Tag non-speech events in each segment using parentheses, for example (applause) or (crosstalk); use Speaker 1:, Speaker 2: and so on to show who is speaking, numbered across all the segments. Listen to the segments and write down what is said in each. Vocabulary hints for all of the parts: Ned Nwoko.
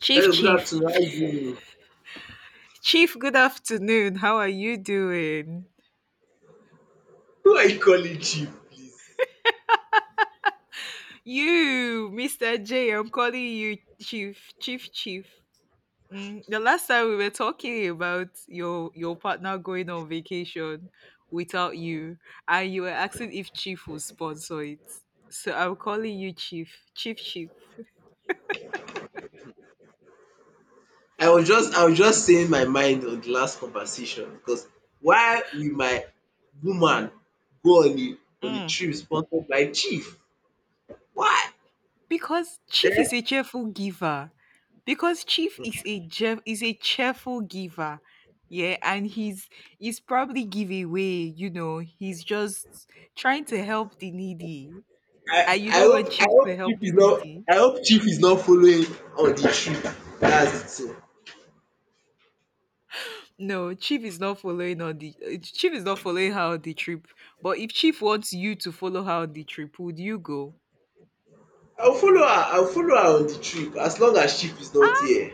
Speaker 1: Chief,
Speaker 2: Hello, good
Speaker 1: Chief.
Speaker 2: afternoon. How you doing?
Speaker 1: Chief, good afternoon. How are you doing?
Speaker 2: Who are you calling chief, please?
Speaker 1: You, Mr. J, I'm calling you Chief, Chief, Chief. Mm, the last time we were talking about your partner going on vacation without you, and you were asking if Chief would sponsor it. So I'm calling you Chief, Chief, Chief.
Speaker 2: I was just saying my mind on the last conversation because why will my woman go on a
Speaker 1: Mm.
Speaker 2: trip sponsored by chief? Why?
Speaker 1: Because Chief
Speaker 2: Eh?
Speaker 1: is a cheerful giver. Because Chief is a is a cheerful giver. Yeah, and he's probably give away, you know, he's just trying to help the needy. And
Speaker 2: I,
Speaker 1: you
Speaker 2: I
Speaker 1: don't
Speaker 2: hope
Speaker 1: want
Speaker 2: I
Speaker 1: Chief to
Speaker 2: hope
Speaker 1: help
Speaker 2: chief
Speaker 1: the
Speaker 2: is not
Speaker 1: needy.
Speaker 2: I hope chief is not following on the trip. That's it. So
Speaker 1: No, Chief is not following on the Chief is not following her on the trip. But if Chief wants you to follow her on the trip, would you go?
Speaker 2: I'll follow her on the trip as long as chief is not here.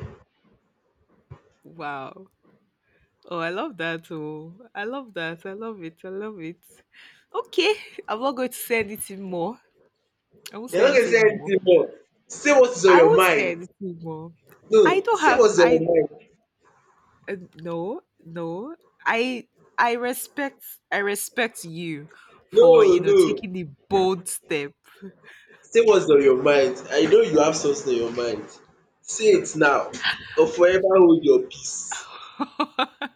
Speaker 1: Wow. Oh, I love that. Oh, I love that. I love it. I love it. Okay. I'm not going to say anything more. I won't say
Speaker 2: You're not gonna say
Speaker 1: anything more.
Speaker 2: anything more. Say what is on
Speaker 1: I
Speaker 2: your
Speaker 1: won't say
Speaker 2: mind.
Speaker 1: anything more.
Speaker 2: No,
Speaker 1: I don't
Speaker 2: say
Speaker 1: have,
Speaker 2: what's on your
Speaker 1: I,
Speaker 2: mind.
Speaker 1: uh, no, no. I, I respect, I respect you
Speaker 2: No,
Speaker 1: for,
Speaker 2: no.
Speaker 1: taking the bold step.
Speaker 2: Say what's on your mind. I know you have something on your mind. Say it now or forever hold your peace.
Speaker 1: (laughs)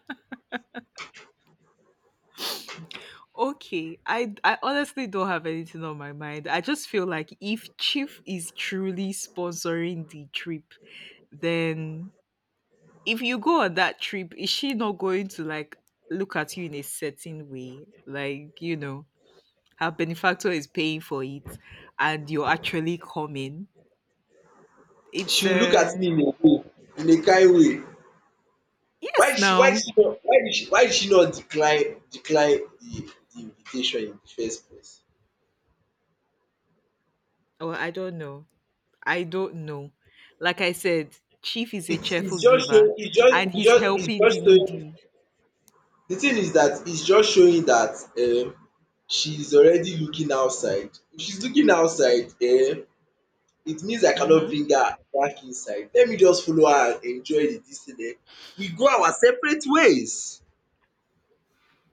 Speaker 1: Okay. I honestly don't have anything on my mind. I just feel like if Chief is truly sponsoring the trip, then if you go on that trip, is she not going to like look at you in a certain way? Like, you know, her benefactor is paying for it and you're actually coming. It's
Speaker 2: She will look at me in a way, in a kind way.
Speaker 1: Yes
Speaker 2: Why did
Speaker 1: now.
Speaker 2: she not why did she Why did she not decline the invitation in the first place?
Speaker 1: Well, I don't know. I don't know. Like I said, Chief is a cheerful
Speaker 2: It's just
Speaker 1: giver
Speaker 2: showing it's just
Speaker 1: and
Speaker 2: it's
Speaker 1: he's
Speaker 2: just it's
Speaker 1: helping the
Speaker 2: just showing
Speaker 1: needy.
Speaker 2: The thing is that it's just showing that um she is already looking outside. If she's looking outside, it means I cannot
Speaker 1: Mm-hmm.
Speaker 2: bring her back inside. Let me just follow her and enjoy the dis thing. We go our separate ways.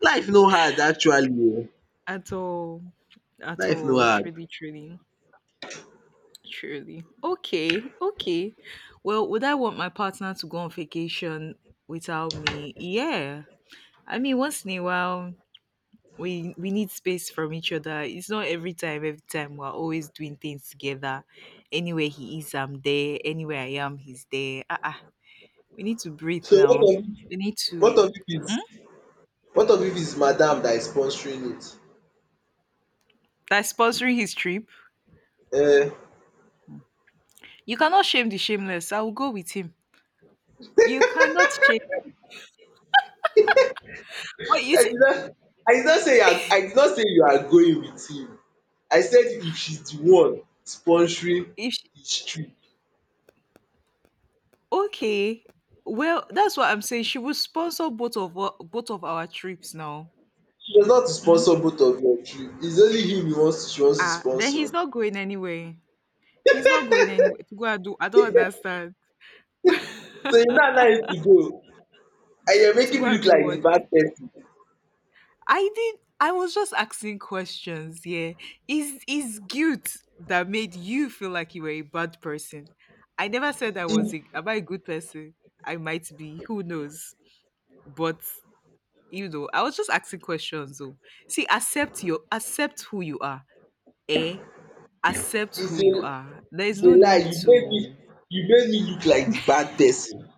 Speaker 2: Life no hard actually oo,
Speaker 1: At all. At
Speaker 2: life no
Speaker 1: all.
Speaker 2: hard.
Speaker 1: Truly, truly. Truly. Okay. Okay. Well, would I want my partner to go on vacation without me? Yeah. I mean, once in a while, we need space from each other. It's not every time. Every time we're always doing things together. Anywhere he is, I'm there. Anywhere I am, he's there. We need to breathe
Speaker 2: So what
Speaker 1: now.
Speaker 2: of if
Speaker 1: We need
Speaker 2: what
Speaker 1: to.
Speaker 2: of if
Speaker 1: Hmm?
Speaker 2: it's what of if it's madam that is sponsoring it?
Speaker 1: That's sponsoring his trip.
Speaker 2: um
Speaker 1: You cannot shame the shameless. I will go with him. You cannot shame. What you
Speaker 2: I did
Speaker 1: think?
Speaker 2: not I did not say you are going with him. I said if she's the one sponsoring his trip.
Speaker 1: Okay. Well, that's what I'm saying. She will sponsor both of our trips now.
Speaker 2: She was not to
Speaker 1: Mm?
Speaker 2: sponsor both of your trip. It's only him you want she wants to
Speaker 1: Ah, then he's
Speaker 2: sponsor.
Speaker 1: not going anywhere. He's not going anywhere to go and do. I don't understand.
Speaker 2: So you now allow him to go, and you're
Speaker 1: (laughs) To
Speaker 2: making
Speaker 1: go
Speaker 2: me
Speaker 1: and
Speaker 2: look
Speaker 1: do
Speaker 2: like the
Speaker 1: what?
Speaker 2: bad person.
Speaker 1: I did. I was just asking questions. Yeah, is guilt that made you feel like you were a bad person? I never said I was.
Speaker 2: It,
Speaker 1: A, am I a good person? I might be. Who knows? But you know, I was just asking questions though. See, accept who you are. Eh? Accept
Speaker 2: it's
Speaker 1: who
Speaker 2: a
Speaker 1: you are. There is
Speaker 2: it's a
Speaker 1: no
Speaker 2: lie.
Speaker 1: need to.
Speaker 2: You made me look like the bad person.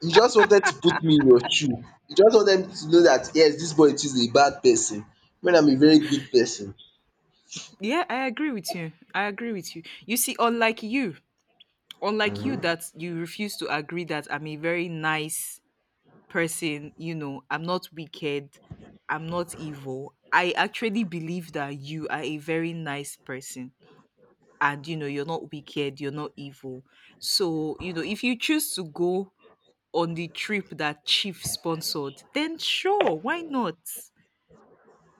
Speaker 2: You just wanted to put me in your shoe. You just wanted me to know that yes, this boy is a bad person when I'm a very good person.
Speaker 1: Yeah, I agree with you. I agree with you. You see, unlike you that you refuse to agree that I'm a very nice person, you know, I'm not wicked, I'm not evil. I actually believe that you are a very nice person and you know, you're not wicked, you're not evil. So, you know, if you choose to go on the trip that Chief sponsored, then sure, why not?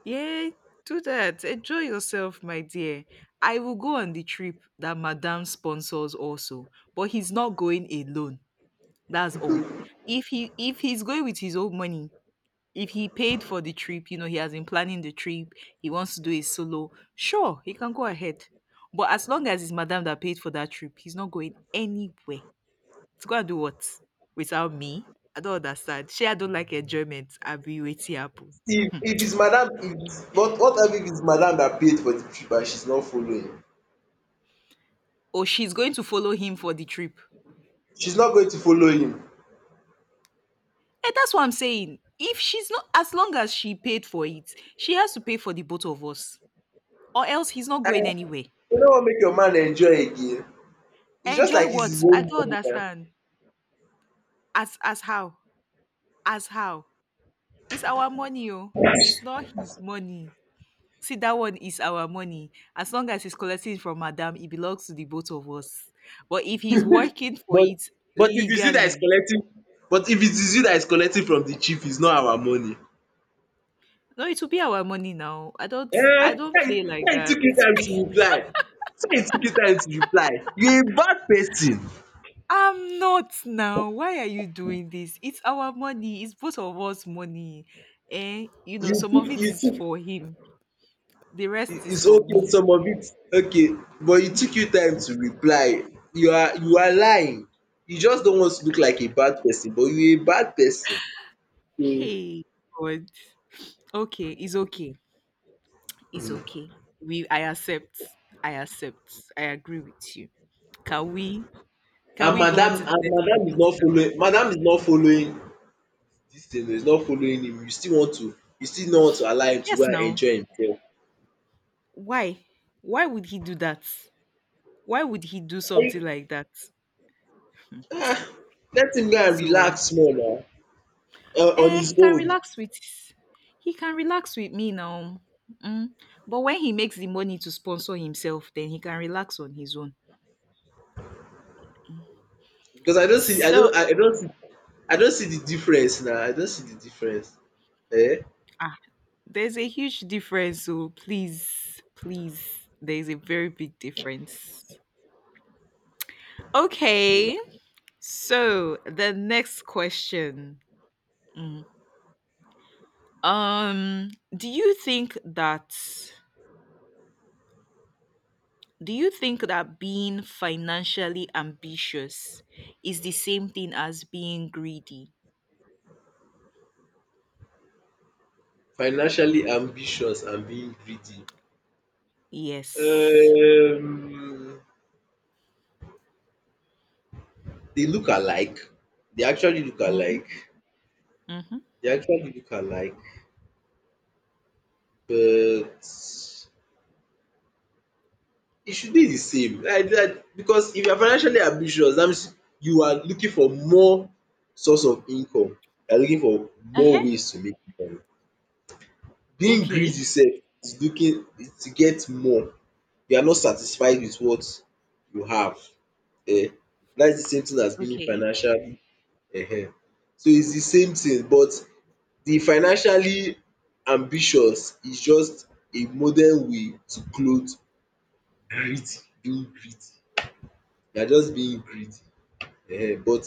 Speaker 1: Yeah, do that. Enjoy yourself, my dear. I will go on the trip that Madame sponsors also, but he's not going alone. That's all. If he's going with his own money, if he paid for the trip, you know, he has been planning the trip, he wants to do a solo, sure, he can go ahead. But as long as it's Madame that paid for that trip, he's not going anywhere. To go and do what? Without me? I don't understand. She, I don't like enjoyment. I'll be waiting happen.
Speaker 2: If it's madam if it's what if it's madam that paid for the trip and she's not following?
Speaker 1: Or she's going to follow him for the trip.
Speaker 2: She's not going to follow him.
Speaker 1: And that's what I'm saying. If she's not, as long as she paid for it, she has to pay for the both of us. Or else he's not going
Speaker 2: And
Speaker 1: anywhere.
Speaker 2: you no wan make your man enjoy again. It's just
Speaker 1: Enjoy
Speaker 2: like it's
Speaker 1: what?
Speaker 2: his
Speaker 1: I
Speaker 2: own
Speaker 1: don't
Speaker 2: money na.
Speaker 1: understand. As how? As how? It's our money, oh. It's not his money. See, that one is our money. As long as he's collecting it from Madam, it belongs to the both of us. But if he's working for
Speaker 2: But
Speaker 1: it
Speaker 2: but if it's you that is
Speaker 1: legally,
Speaker 2: collecting but if it is you that is collecting from the chief, it's not our money.
Speaker 1: no, it will be our money now.
Speaker 2: Eh!
Speaker 1: I don't
Speaker 2: Why you
Speaker 1: play like
Speaker 2: why you
Speaker 1: that.
Speaker 2: took you time to reply? Why you took you time to reply? You a bad person.
Speaker 1: I'm not now. Why are you doing this? It's our money. It's both of us money. Eh? You know, some of it
Speaker 2: You
Speaker 1: is
Speaker 2: took
Speaker 1: for him. The
Speaker 2: I-
Speaker 1: rest is
Speaker 2: it's
Speaker 1: for
Speaker 2: okay
Speaker 1: me.
Speaker 2: some of it, okay, but you took you time to reply. You are lying. You just don't want to look like a bad person but you a bad person. So
Speaker 1: Hey, God. Okay, it's okay. It's okay. We I accept. I accept. I agree with you. Can we Can
Speaker 2: and
Speaker 1: we go
Speaker 2: madam
Speaker 1: on to the
Speaker 2: and
Speaker 1: next
Speaker 2: madam is
Speaker 1: topic
Speaker 2: not
Speaker 1: now?
Speaker 2: following madam is not following. This thing is not following him, you still want to, you still no want to allow him to go
Speaker 1: Yes,
Speaker 2: and
Speaker 1: now.
Speaker 2: enjoy himself.
Speaker 1: Why? Why would he do that? Why would he do something
Speaker 2: Like,
Speaker 1: like that?
Speaker 2: let him go and
Speaker 1: Please, oh.
Speaker 2: relax small now on
Speaker 1: Eh,
Speaker 2: his
Speaker 1: he can
Speaker 2: own
Speaker 1: relax with. He can relax with me now. Mm. But when he makes the money to sponsor himself, then he can relax on his own.
Speaker 2: because
Speaker 1: So
Speaker 2: I don't see the difference now. I don't see the difference. Eh?
Speaker 1: ah, there's a huge difference. So please, please, there's a very big difference. Okay. So the next question. Mhm. Um, do you think that do you think that being financially ambitious is the same thing as being greedy?
Speaker 2: Financially ambitious and being greedy.
Speaker 1: Yes.
Speaker 2: Um they look alike, they actually look
Speaker 1: Mm-hmm.
Speaker 2: alike,
Speaker 1: Mm-hmm.
Speaker 2: they actually look alike, but it should be the same like because if you are financially ambitious dat means you are looking for more source of income, you are looking for more
Speaker 1: Uh-huh.
Speaker 2: ways to make money. Being greedy
Speaker 1: Okay.
Speaker 2: sef is looking is to get more, you are not satisfied with what you have. um Dat the same thing as being
Speaker 1: Okay.
Speaker 2: financially um. So it's the same thing, but the financially ambitious is just a modern way to cloth greed, being greedy. You are just being greedy. But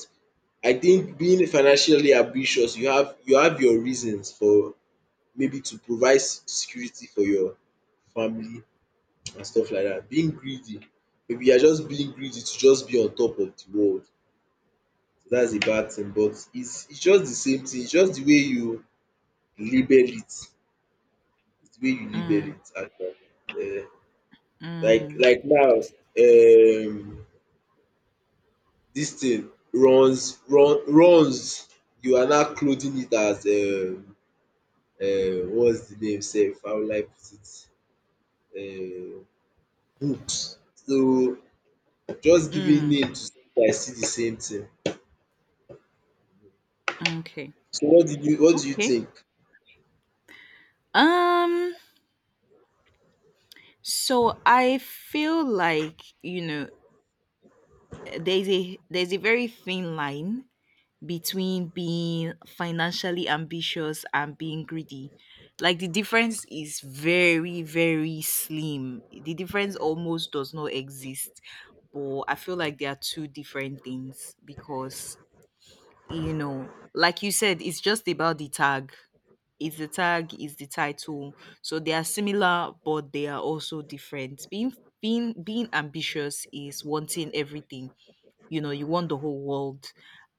Speaker 2: I think being financially ambitious, you have your reasons for, maybe to provide se- security for your family and stuff like dat. Being greedy, maybe you are just being greedy to just be on top of de world. Dats a bad thing but its just de same thing, its just de way you label it, de way you label
Speaker 1: Mm,
Speaker 2: it actually.
Speaker 1: mm,
Speaker 2: Like now, um dis thing runs, you are now clothing it as what's the name sef, how will I put it, books. So just giving
Speaker 1: mm,
Speaker 2: name to something that is still the same thing.
Speaker 1: okay.
Speaker 2: So what do you
Speaker 1: Okay.
Speaker 2: think?
Speaker 1: Um, so I feel like, you know, there's a very thin line between being financially ambitious and being greedy. Like the difference is very, very slim. The difference almost does not exist. But I feel like they are two different things because, you know, like you said, it's just about the tag. It's the tag, is the title. So they are similar, but they are also different. Being ambitious is wanting everything, you know, you want the whole world,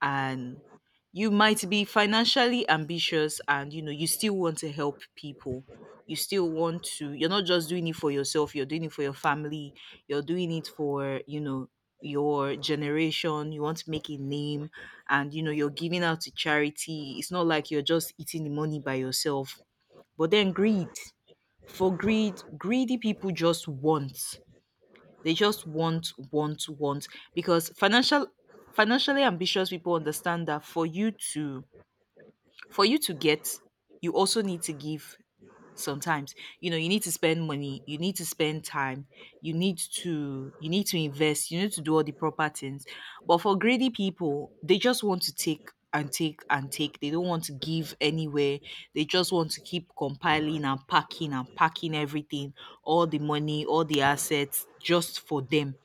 Speaker 1: and you might be financially ambitious and you know you still want to help people. You still want to you're not just doing it for yourself, you're doing it for your family, you're doing it for, you know, your generation. You want to make a name and, you know, you're giving out to charity. It's not like you're just eating the money by yourself. But then greed, for greed greedy people just want, they just want, want. Because financially ambitious people understand that for you to, for you to get, you also need to give sometimes. You know, you need to spend money, you need to spend time, you need to, invest, you need to do all the proper things. But for greedy people, they just want to take and take and take. They don't want to give anywhere. They just want to keep compiling and packing everything, all the money, all the assets just for them.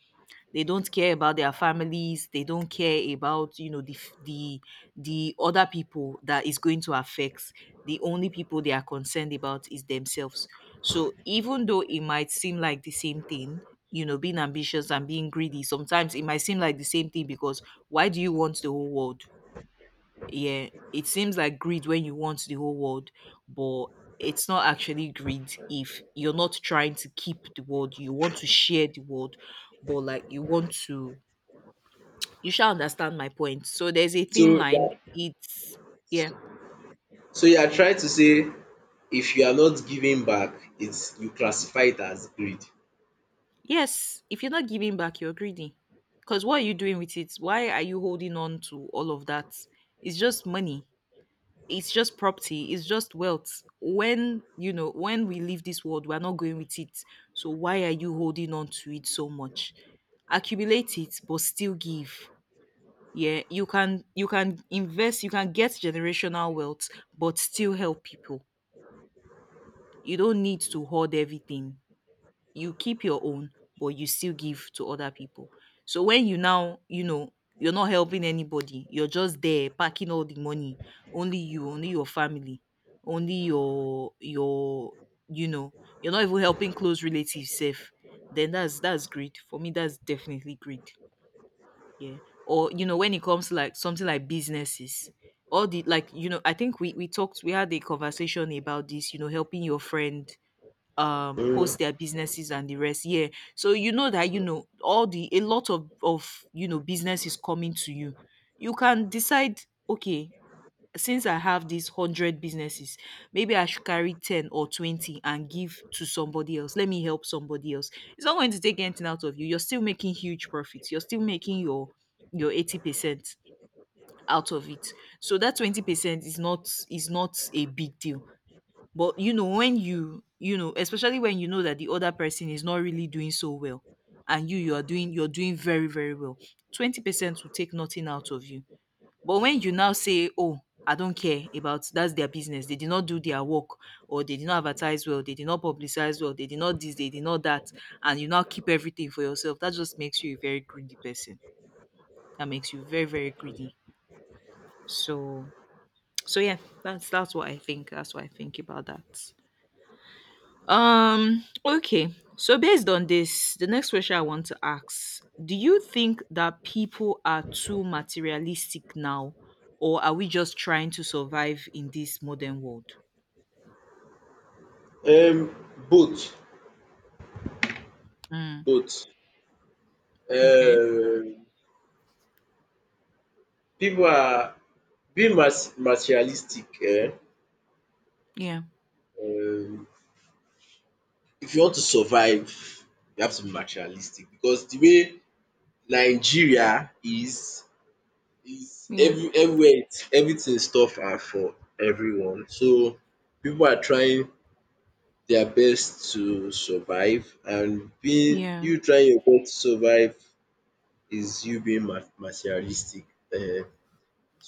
Speaker 1: They don't care about their families. They don't care about, you know, the other people that is going to affect. The only people they are concerned about is themselves. So even though it might seem like the same thing, you know, being ambitious and being greedy, sometimes it might seem like the same thing. Because why do you want the whole world? Yeah, it seems like greed when you want the whole world. But it's not actually greed if you're not trying to keep the world, you want to share the world. But like you want to you shall understand my point. So there's a
Speaker 2: So
Speaker 1: thin
Speaker 2: yeah,
Speaker 1: line. It's Yeah.
Speaker 2: so you are trying to say if you are not giving back, it's you classify it as greed.
Speaker 1: Yes, if you're not giving back, you're greedy. Because what are you doing with it? Why are you holding on to all of that? It's just money, it's just property, it's just wealth. When, you know, when we leave this world, we're not going with it. So why are you holding on to it so much? Accumulate it but still give. Yeah, you can, invest, you can get generational wealth, but still help people. You don't need to hoard everything. You keep your own, but you still give to other people. So when you now, you know, you're not helping anybody, you're just there packing all the money, only you, only your family, only your you know, you're not even helping close relatives safe, then that's greed for me. That's definitely greed. Yeah. Or you know, when it comes to like something like businesses, all the, like, you know, I think we had a conversation about this, you know, helping your friend
Speaker 2: um
Speaker 1: post their businesses and the rest. Yeah. So, you know, that you know, all the, a lot of, you know, business is coming to you. You can decide, okay, since I have these 100 businesses, maybe I should carry 10 or 20 and give to somebody else. Let me help somebody else. It's not going to take anything out of you. You're still making huge profits. You're still making your 80% out of it. So that 20% is not a big deal. But you know, when you know, especially when you know that the other person is not really doing so well and you are doing you're doing very, very well, 20% will take nothing out of you. But when you now say, Oh, I don't care about that's their business, they did not do their work, or they did not advertise well, they did not publicize well, they did not this, they did not that, and you now keep everything for yourself, that just makes you a very greedy person. That makes you very, very greedy. So so yeah, that's what I think. That's what I think about that. Okay. So based on this, the next question I want to ask, do you think that people are too materialistic now or are we just trying to survive in this modern world?
Speaker 2: um Both.
Speaker 1: Mm,
Speaker 2: Both.
Speaker 1: okay.
Speaker 2: um Pipu are being mas materialistic.
Speaker 1: Yeah.
Speaker 2: Um if you want to survive, you have to be materialistic because the way Nigeria is
Speaker 1: Yeah.
Speaker 2: everywhere it's, everything stuff are for everyone. So people are trying their best to survive, and being
Speaker 1: Yeah.
Speaker 2: you trying your best to survive is you being ma materialistic. um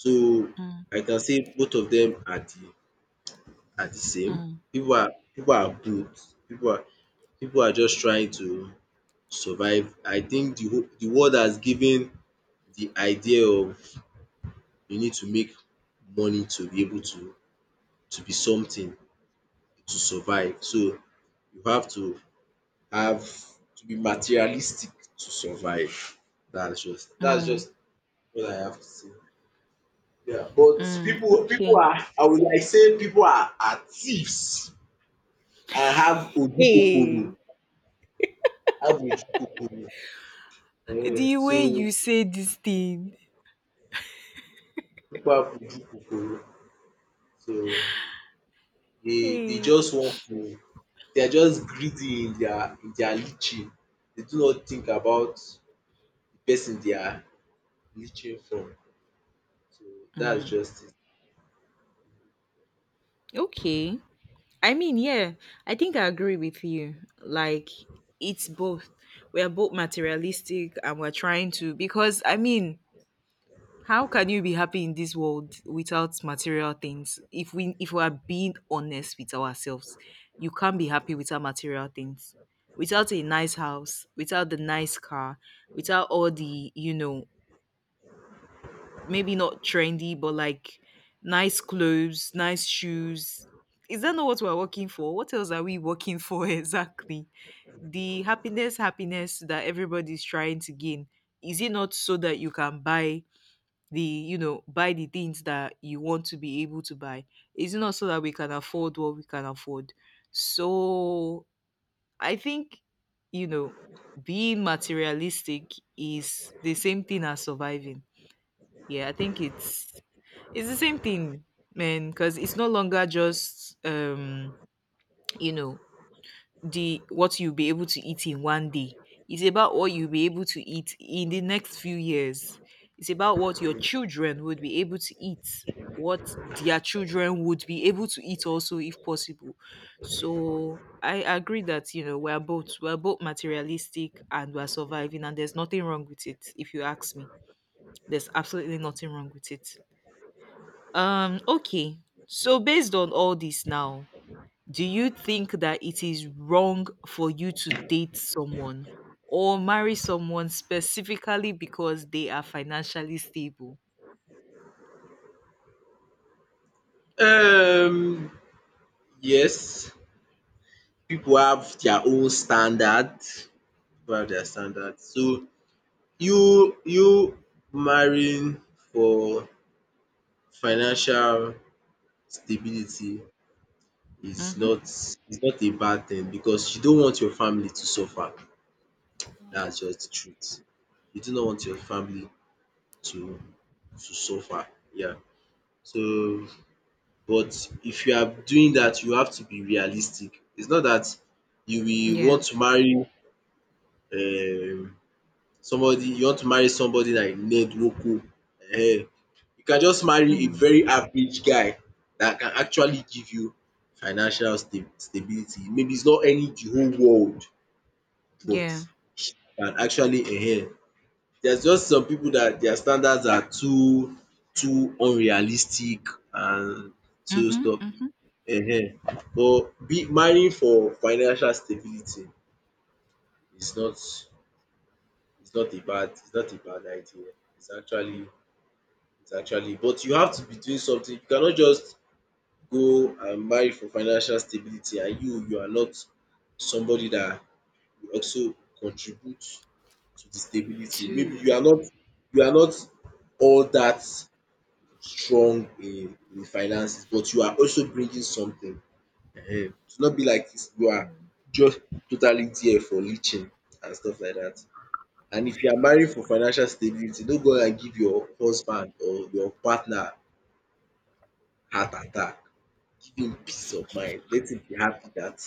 Speaker 2: So
Speaker 1: Mm,
Speaker 2: I can say both of them are the same.
Speaker 1: mm,
Speaker 2: People are both. People are just trying to survive. I think the world has given the idea of you need to make money to be able to be something, to survive. So you have to be materialistic to survive. That's just that's
Speaker 1: mm,
Speaker 2: just what I have to say. Yeah, but
Speaker 1: mm.
Speaker 2: people
Speaker 1: Okay.
Speaker 2: are, I would like say people are thieves. I have ojukokoro,
Speaker 1: Hey,
Speaker 2: I have ojukokoro.
Speaker 1: the
Speaker 2: So
Speaker 1: way you say this thing.
Speaker 2: people have ojukokoro. So they
Speaker 1: Hey.
Speaker 2: just want to, they are just greedy in their leeching. They do not think about the person they are leeching from. So that's
Speaker 1: Mm,
Speaker 2: just
Speaker 1: okay. I mean, yeah, I think I agree with you. Like, it's both. We are both materialistic and we're trying to, because I mean, how can you be happy in this world without material things? If we are being honest with ourselves, you can't be happy without material things. Without a nice house, without the nice car, without all the, you know, maybe not trendy, but like nice clothes, nice shoes. Is that not what we're working for? What else are we working for (laughs) exactly? The happiness, happiness that everybody's trying to gain. Is it not so that you can buy the, you know, buy the things that you want to be able to buy? Is it not so that we can afford what we can afford? So I think, you know, being materialistic is the same thing as surviving, yeah, I think it's the same thing, man, because it's no longer just you know, the what you'll be able to eat in one day. It's about what you'll be able to eat in the next few years. It's about what your children would be able to eat, what their children would be able to eat also if possible. So I agree that, you know, we're both materialistic and we're surviving and there's nothing wrong with it, if you ask me. There's absolutely nothing wrong with it. Okay. So based on all this now, do you think that it is wrong for you to date someone or marry someone specifically because they are financially stable?
Speaker 2: it. Yes, people have their own standard. People have their standard. So you marrying for financial stability is
Speaker 1: Mm-hmm.
Speaker 2: not a bad thing because you don't want your family to suffer. That's just the truth. You do not want your family to to suffer. Yeah. So but if you are doing that, you have to be realistic. It's not that you will
Speaker 1: Yeah.
Speaker 2: want to marry um somebody, you want to marry somebody like Ned Nwoko. You can just marry a
Speaker 1: Mm.
Speaker 2: very average guy that can actually give you financial sta stability. Maybe it's not any the whole world, but
Speaker 1: Yeah.
Speaker 2: can actually there's just some people that their standards are too too unrealistic and so
Speaker 1: Mm-hmm.
Speaker 2: stuff.
Speaker 1: Mm-hmm.
Speaker 2: um but be marrying for financial stability is not a bad is not a bad idea, is actually, is actually, but you have to be doing something. You cannot just go and marry for financial stability and you are not somebody that will also contribute to the stability. Maybe
Speaker 1: Two.
Speaker 2: you are not, you are not all that strong in finances, but you are also bringing something to not be like this, you are just totally there for leeching and stuff like that. And if you are marrying for financial stability, don't go and give your husband or your partner heart attack. Give him peace of mind, let him be happy that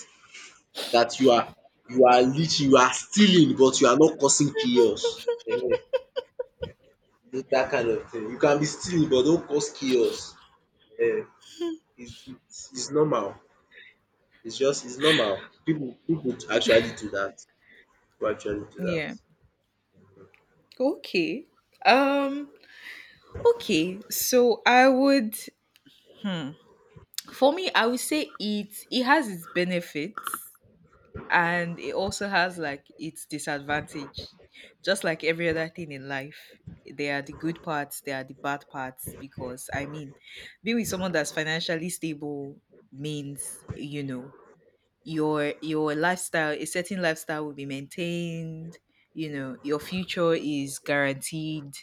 Speaker 2: that you are, you are leeching, you are stealing but you are not causing chaos um. Dat kind of thing. You can be stealing but don't cause chaos um. It's it's normal. It's normal. People people actually do that. People actually do that.
Speaker 1: Yeah. Okay. Um, okay. So I would hmm, for me, I would say it has its benefits. And it also has like its disadvantage, just like every other thing in life. There are the good parts, there are the bad parts, because I mean, being with someone that's financially stable means, you know, your lifestyle, a certain lifestyle will be maintained. You know, your future is guaranteed.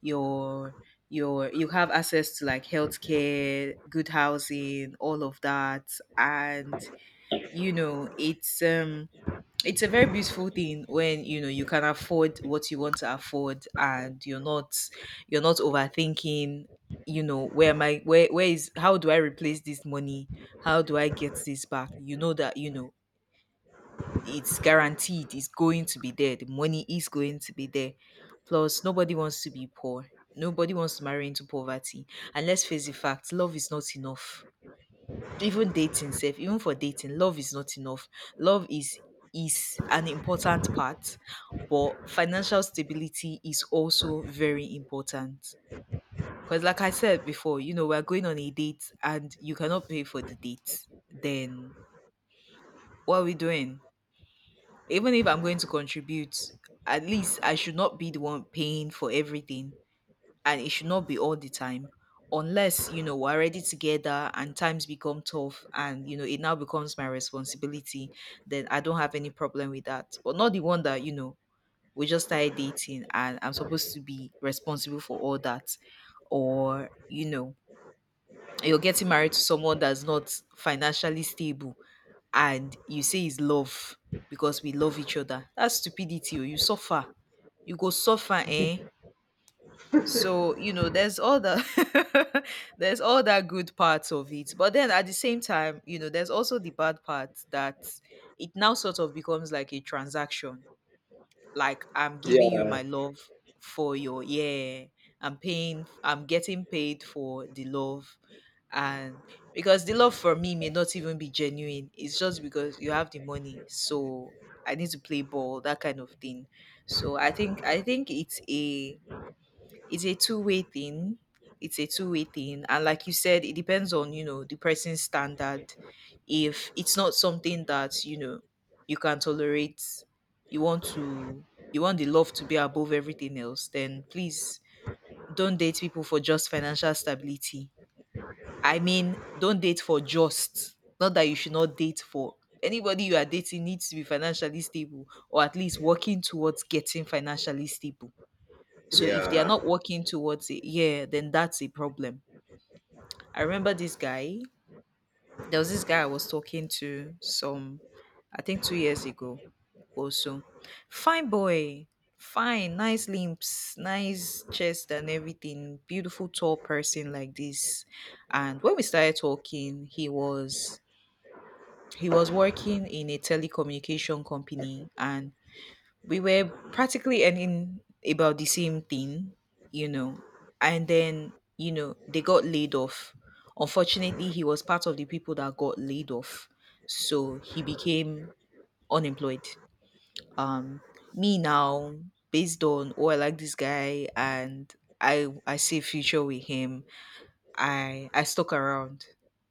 Speaker 1: your you have access to like healthcare, good housing, all of that. And you know, it's a very beautiful thing when you know you can afford what you want to afford and you're not overthinking. You know, where am I, where is, how do I replace this money, how do I get this back, you know, that, you know, it's guaranteed, it's going to be there, the money is going to be there. Plus nobody wants to be poor, nobody wants to marry into poverty, and let's face the fact, love is not enough. Even dating self, even for dating, love is not enough. Love is an important part, but financial stability is also very important. Because like I said before, you know, we're going on a date and you cannot pay for the date, then what are we doing? Even if I'm going to contribute, at least I should not be the one paying for everything, and it should not be all the time. Unless, you know, we're already together and times become tough and, you know, it now becomes my responsibility, then I don't have any problem with that, but not the one that, you know, we just started dating and I'm supposed to be responsible for all that. Or, you know, you're getting married to someone that's not financially stable and you say it's love, because we love each other, that's stupidity. Oh, you suffer, you go suffer eh. So, you know, there's all the (laughs) there's all that good parts of it. But then at the same time, you know, there's also the bad part that it now sort of becomes like a transaction. Like I'm giving you
Speaker 2: Yeah.
Speaker 1: my love for your yeah, I'm getting paid for the love. And because the love for me may not even be genuine. It's just because you have the money. So I need to play ball, that kind of thing. So I think it's a two-way thing. It's a two-way thing. And like you said, it depends on, you know, the person's standard. If it's not something that, you know, you can tolerate, you want to you want the love to be above everything else, then please don't date people for just financial stability. I mean, don't date for just. Not that you should not date for. Anybody you are dating needs to be financially stable or at least working towards getting financially stable, so if they are
Speaker 2: Yeah.
Speaker 1: not working towards it, yeah, then that's a problem. I remember this guy. There was this guy I was talking to some, I think 2 years ago or so. Fine boy, fine, nice limbs, nice chest and everything. Beautiful tall person like this. And when we started talking, he was working in a telecommunication company, and we were practically earning about the same thing, you know. And then, you know, they got laid off. Unfortunately, he was part of the people that got laid off. So he became unemployed. Um, me now, based on oh I like this guy and I see a future with him, I stuck around.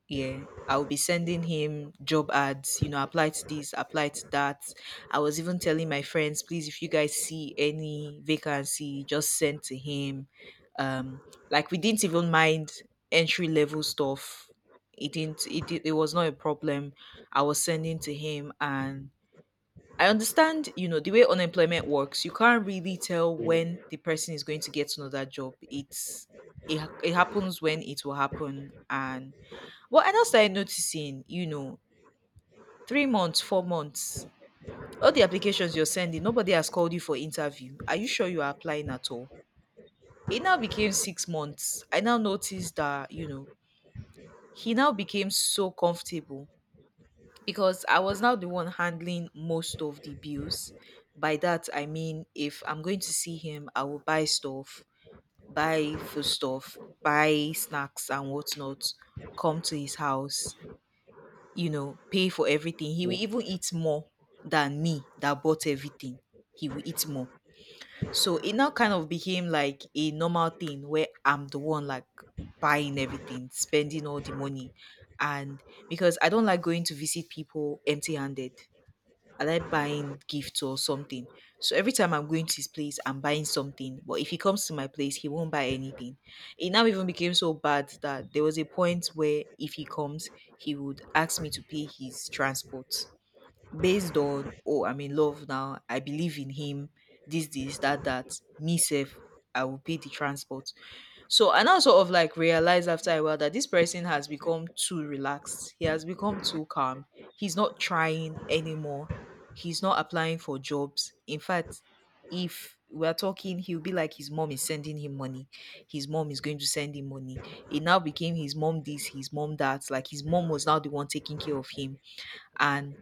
Speaker 1: Yeah. I would be sending him job ads, you know, apply to this, apply to that. I was even telling my friends, please, if you guys see any vacancy, just send to him. Um, like we didn't even mind entry level stuff. It didn't it, did, it was not a problem. I was sending to him and I understand, you know, the way unemployment works, you can't really tell when the person is going to get another job. It happens when it will happen. And what I now started noticing, you know, 3 months, 4 months, all the applications you're sending, nobody has called you for interview. Are you sure you are applying at all? It now became 6 months. I now noticed that, you know, he now became so comfortable because I was now the one handling most of the bills. By that, I mean if I'm going to see him, I will buy stuff, buy food stuff, buy snacks and whatnot, come to his house, you know, pay for everything. He will even eat more than me that bought everything. He will eat more. So it now kind of became like a normal thing where I'm the one like buying everything, spending all the money. And because I don't like going to visit people empty handed, I like buying gifts or something. So every time I'm going to his place, I'm buying something. But if he comes to my place, he won't buy anything. It now even became so bad that there was a point where if he comes, he would ask me to pay his transport. Based on, oh, I'm in love now, I believe in him, this, that, that, me self, I will pay the transport. So I now sort of like realized after a while that this person has become too relaxed. He has become too calm. He's not trying anymore. He's not applying for jobs. In fact, if we're talking, he'll be like his mom is sending him money. His mom is going to send him money. It now became his mom this, his mom that. Like his mom was now the one taking care of him. And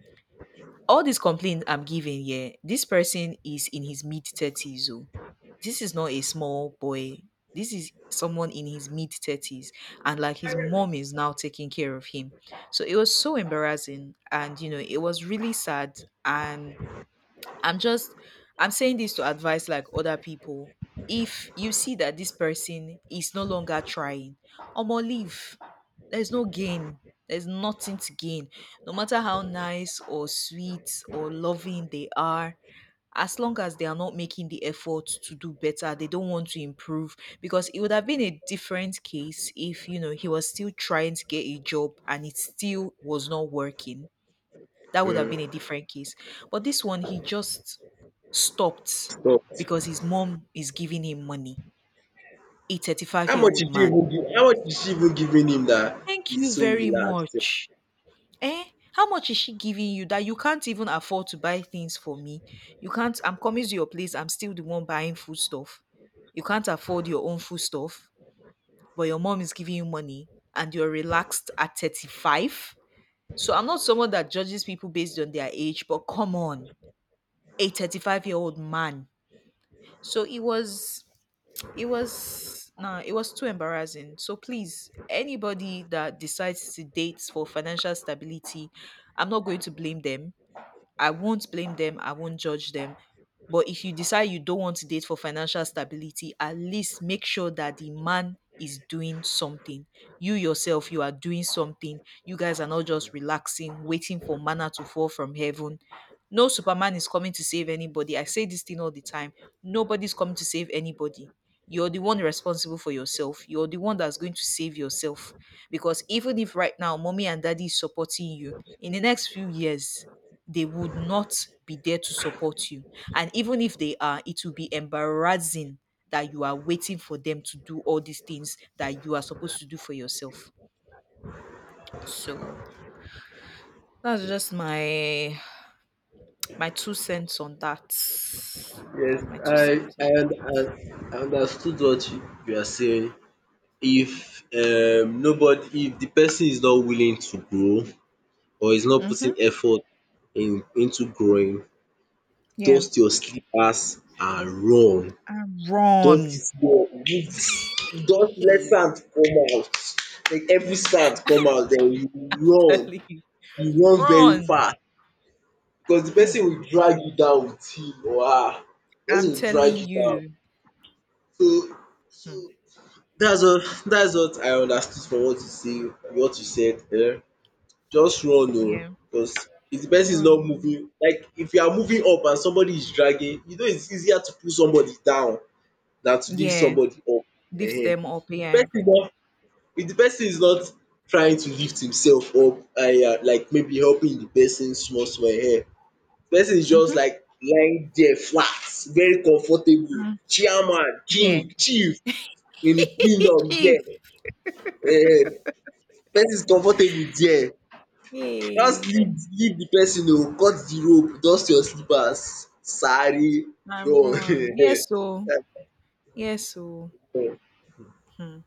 Speaker 1: all these complaints I'm giving here, this person is in his mid 30s. Oh. This is not a small boy. This is someone in his mid 30s. And like his mom is now taking care of him. So it was so embarrassing. And, you know, it was really sad. And I'm just I'm saying this to advise like other people. If you see that this person is no longer trying, omo leave. There's no gain. There's nothing to gain. No matter how nice or sweet or loving they are, as long as they are not making the effort to do better, they don't want to improve. Because it would have been a different case if, you know, he was still trying to get a job and it still was not working, that would have been a
Speaker 2: Mm.
Speaker 1: different case. But this one, he just stopped
Speaker 2: So
Speaker 1: because his mom is giving him money. A 35 year old man.
Speaker 2: how much is she even giving him that
Speaker 1: Thank
Speaker 2: he's
Speaker 1: you
Speaker 2: so
Speaker 1: very
Speaker 2: relaxed?
Speaker 1: much. Eh? How much is she giving you that you can't even afford to buy things for me? You can't, I'm coming to your place, I'm still the one buying food stuff. You can't afford your own food stuff, but your mom is giving you money and you're relaxed at 35. So I'm not someone that judges people based on their age, but come on, a 35-year-old man. So it was nah, it was too embarrassing. So please, anybody that decides to date for financial stability, I'm not going to blame them. I won't blame them. I won't judge them. But if you decide you don't want to date for financial stability, at least make sure that the man is doing something. You yourself, you are doing something. You guys are not just relaxing, waiting for manna to fall from heaven. No Superman is coming to save anybody. I say this thing all the time. Nobody's coming to save anybody. You're the one responsible for yourself. You're the one that's going to save yourself. Because even if right now mommy and daddy is supporting you, in the next few years, they would not be there to support you. And even if they are, it will be embarrassing that you are waiting for them to do all these things that you are supposed to do for yourself. So that's just my two cents on that.
Speaker 2: Yes,
Speaker 1: That's my two
Speaker 2: I
Speaker 1: cents
Speaker 2: I,
Speaker 1: on.
Speaker 2: und- I understood what you are saying. If nobody, if the person is not willing to grow or is not
Speaker 1: Mm-hmm.
Speaker 2: putting effort in into growing,
Speaker 1: Yeah,
Speaker 2: dust your slippers and run.
Speaker 1: and
Speaker 2: Dust it
Speaker 1: run.
Speaker 2: well, remove, just let
Speaker 1: Hey,
Speaker 2: sand come out, make every sand come out, den you
Speaker 1: (laughs)
Speaker 2: run.
Speaker 1: telling you,
Speaker 2: You run very
Speaker 1: run.
Speaker 2: fast because the
Speaker 1: Hmm.
Speaker 2: person will drag you down with him or her, the
Speaker 1: I'm
Speaker 2: person will drag
Speaker 1: telling
Speaker 2: you down.
Speaker 1: you.
Speaker 2: So so,
Speaker 1: Hmm.
Speaker 2: dats what, dats what I understood from what you say, what you said. Just run oo,
Speaker 1: Yeah,
Speaker 2: because if the person is not
Speaker 1: run.
Speaker 2: moving, like if you are moving up and somebody is dragging, you know it's easier to pull somebody down na to lift
Speaker 1: Yeah,
Speaker 2: somebody up.
Speaker 1: lift
Speaker 2: .
Speaker 1: them up.
Speaker 2: If de
Speaker 1: Yeah.
Speaker 2: person no if de person is not trying to lift himself up, like maybe helping de person small small, person is
Speaker 1: Mm-hmm.
Speaker 2: just like lying there flat, very comfortable,
Speaker 1: Mm-hmm.
Speaker 2: chairman,
Speaker 1: Yeah.
Speaker 2: king, chief in his
Speaker 1: (laughs)
Speaker 2: kingdom
Speaker 1: Chief.
Speaker 2: there, um, person is comfortable there, just
Speaker 1: Yay.
Speaker 2: lift de person oo, cut de rope, dust your slippers, sare
Speaker 1: I'm
Speaker 2: run (laughs)
Speaker 1: wrong.
Speaker 2: .
Speaker 1: Yes, so.
Speaker 2: That's
Speaker 1: Yes, so.
Speaker 2: my own.
Speaker 1: Hmm.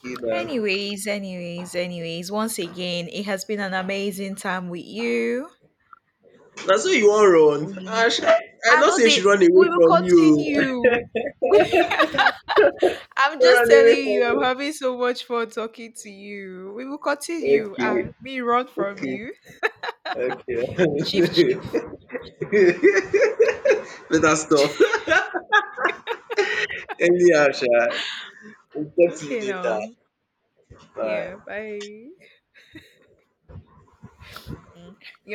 Speaker 2: Okay na.
Speaker 1: Anyways, anyways, anyways, once again, it has been an amazing time with you.
Speaker 2: Na so you wan run?
Speaker 1: We,
Speaker 2: Ah sha, I
Speaker 1: I
Speaker 2: know
Speaker 1: know
Speaker 2: say she
Speaker 1: they,
Speaker 2: run away
Speaker 1: we will
Speaker 2: from you oo.
Speaker 1: continue. (laughs) I'm
Speaker 2: No (laughs)
Speaker 1: just
Speaker 2: run away
Speaker 1: telling
Speaker 2: from
Speaker 1: you, I'm having so much fun talking to you. We will
Speaker 2: me.
Speaker 1: continue. Ah, me run from
Speaker 2: Okay,
Speaker 1: you.
Speaker 2: okay,
Speaker 1: Chief,
Speaker 2: okay.
Speaker 1: chief.
Speaker 2: (laughs) Better stop. (laughs) Anyhow sha, we'll talk to you
Speaker 1: Okay,
Speaker 2: later.
Speaker 1: now.
Speaker 2: Bye.
Speaker 1: Yeah, bye. Mm.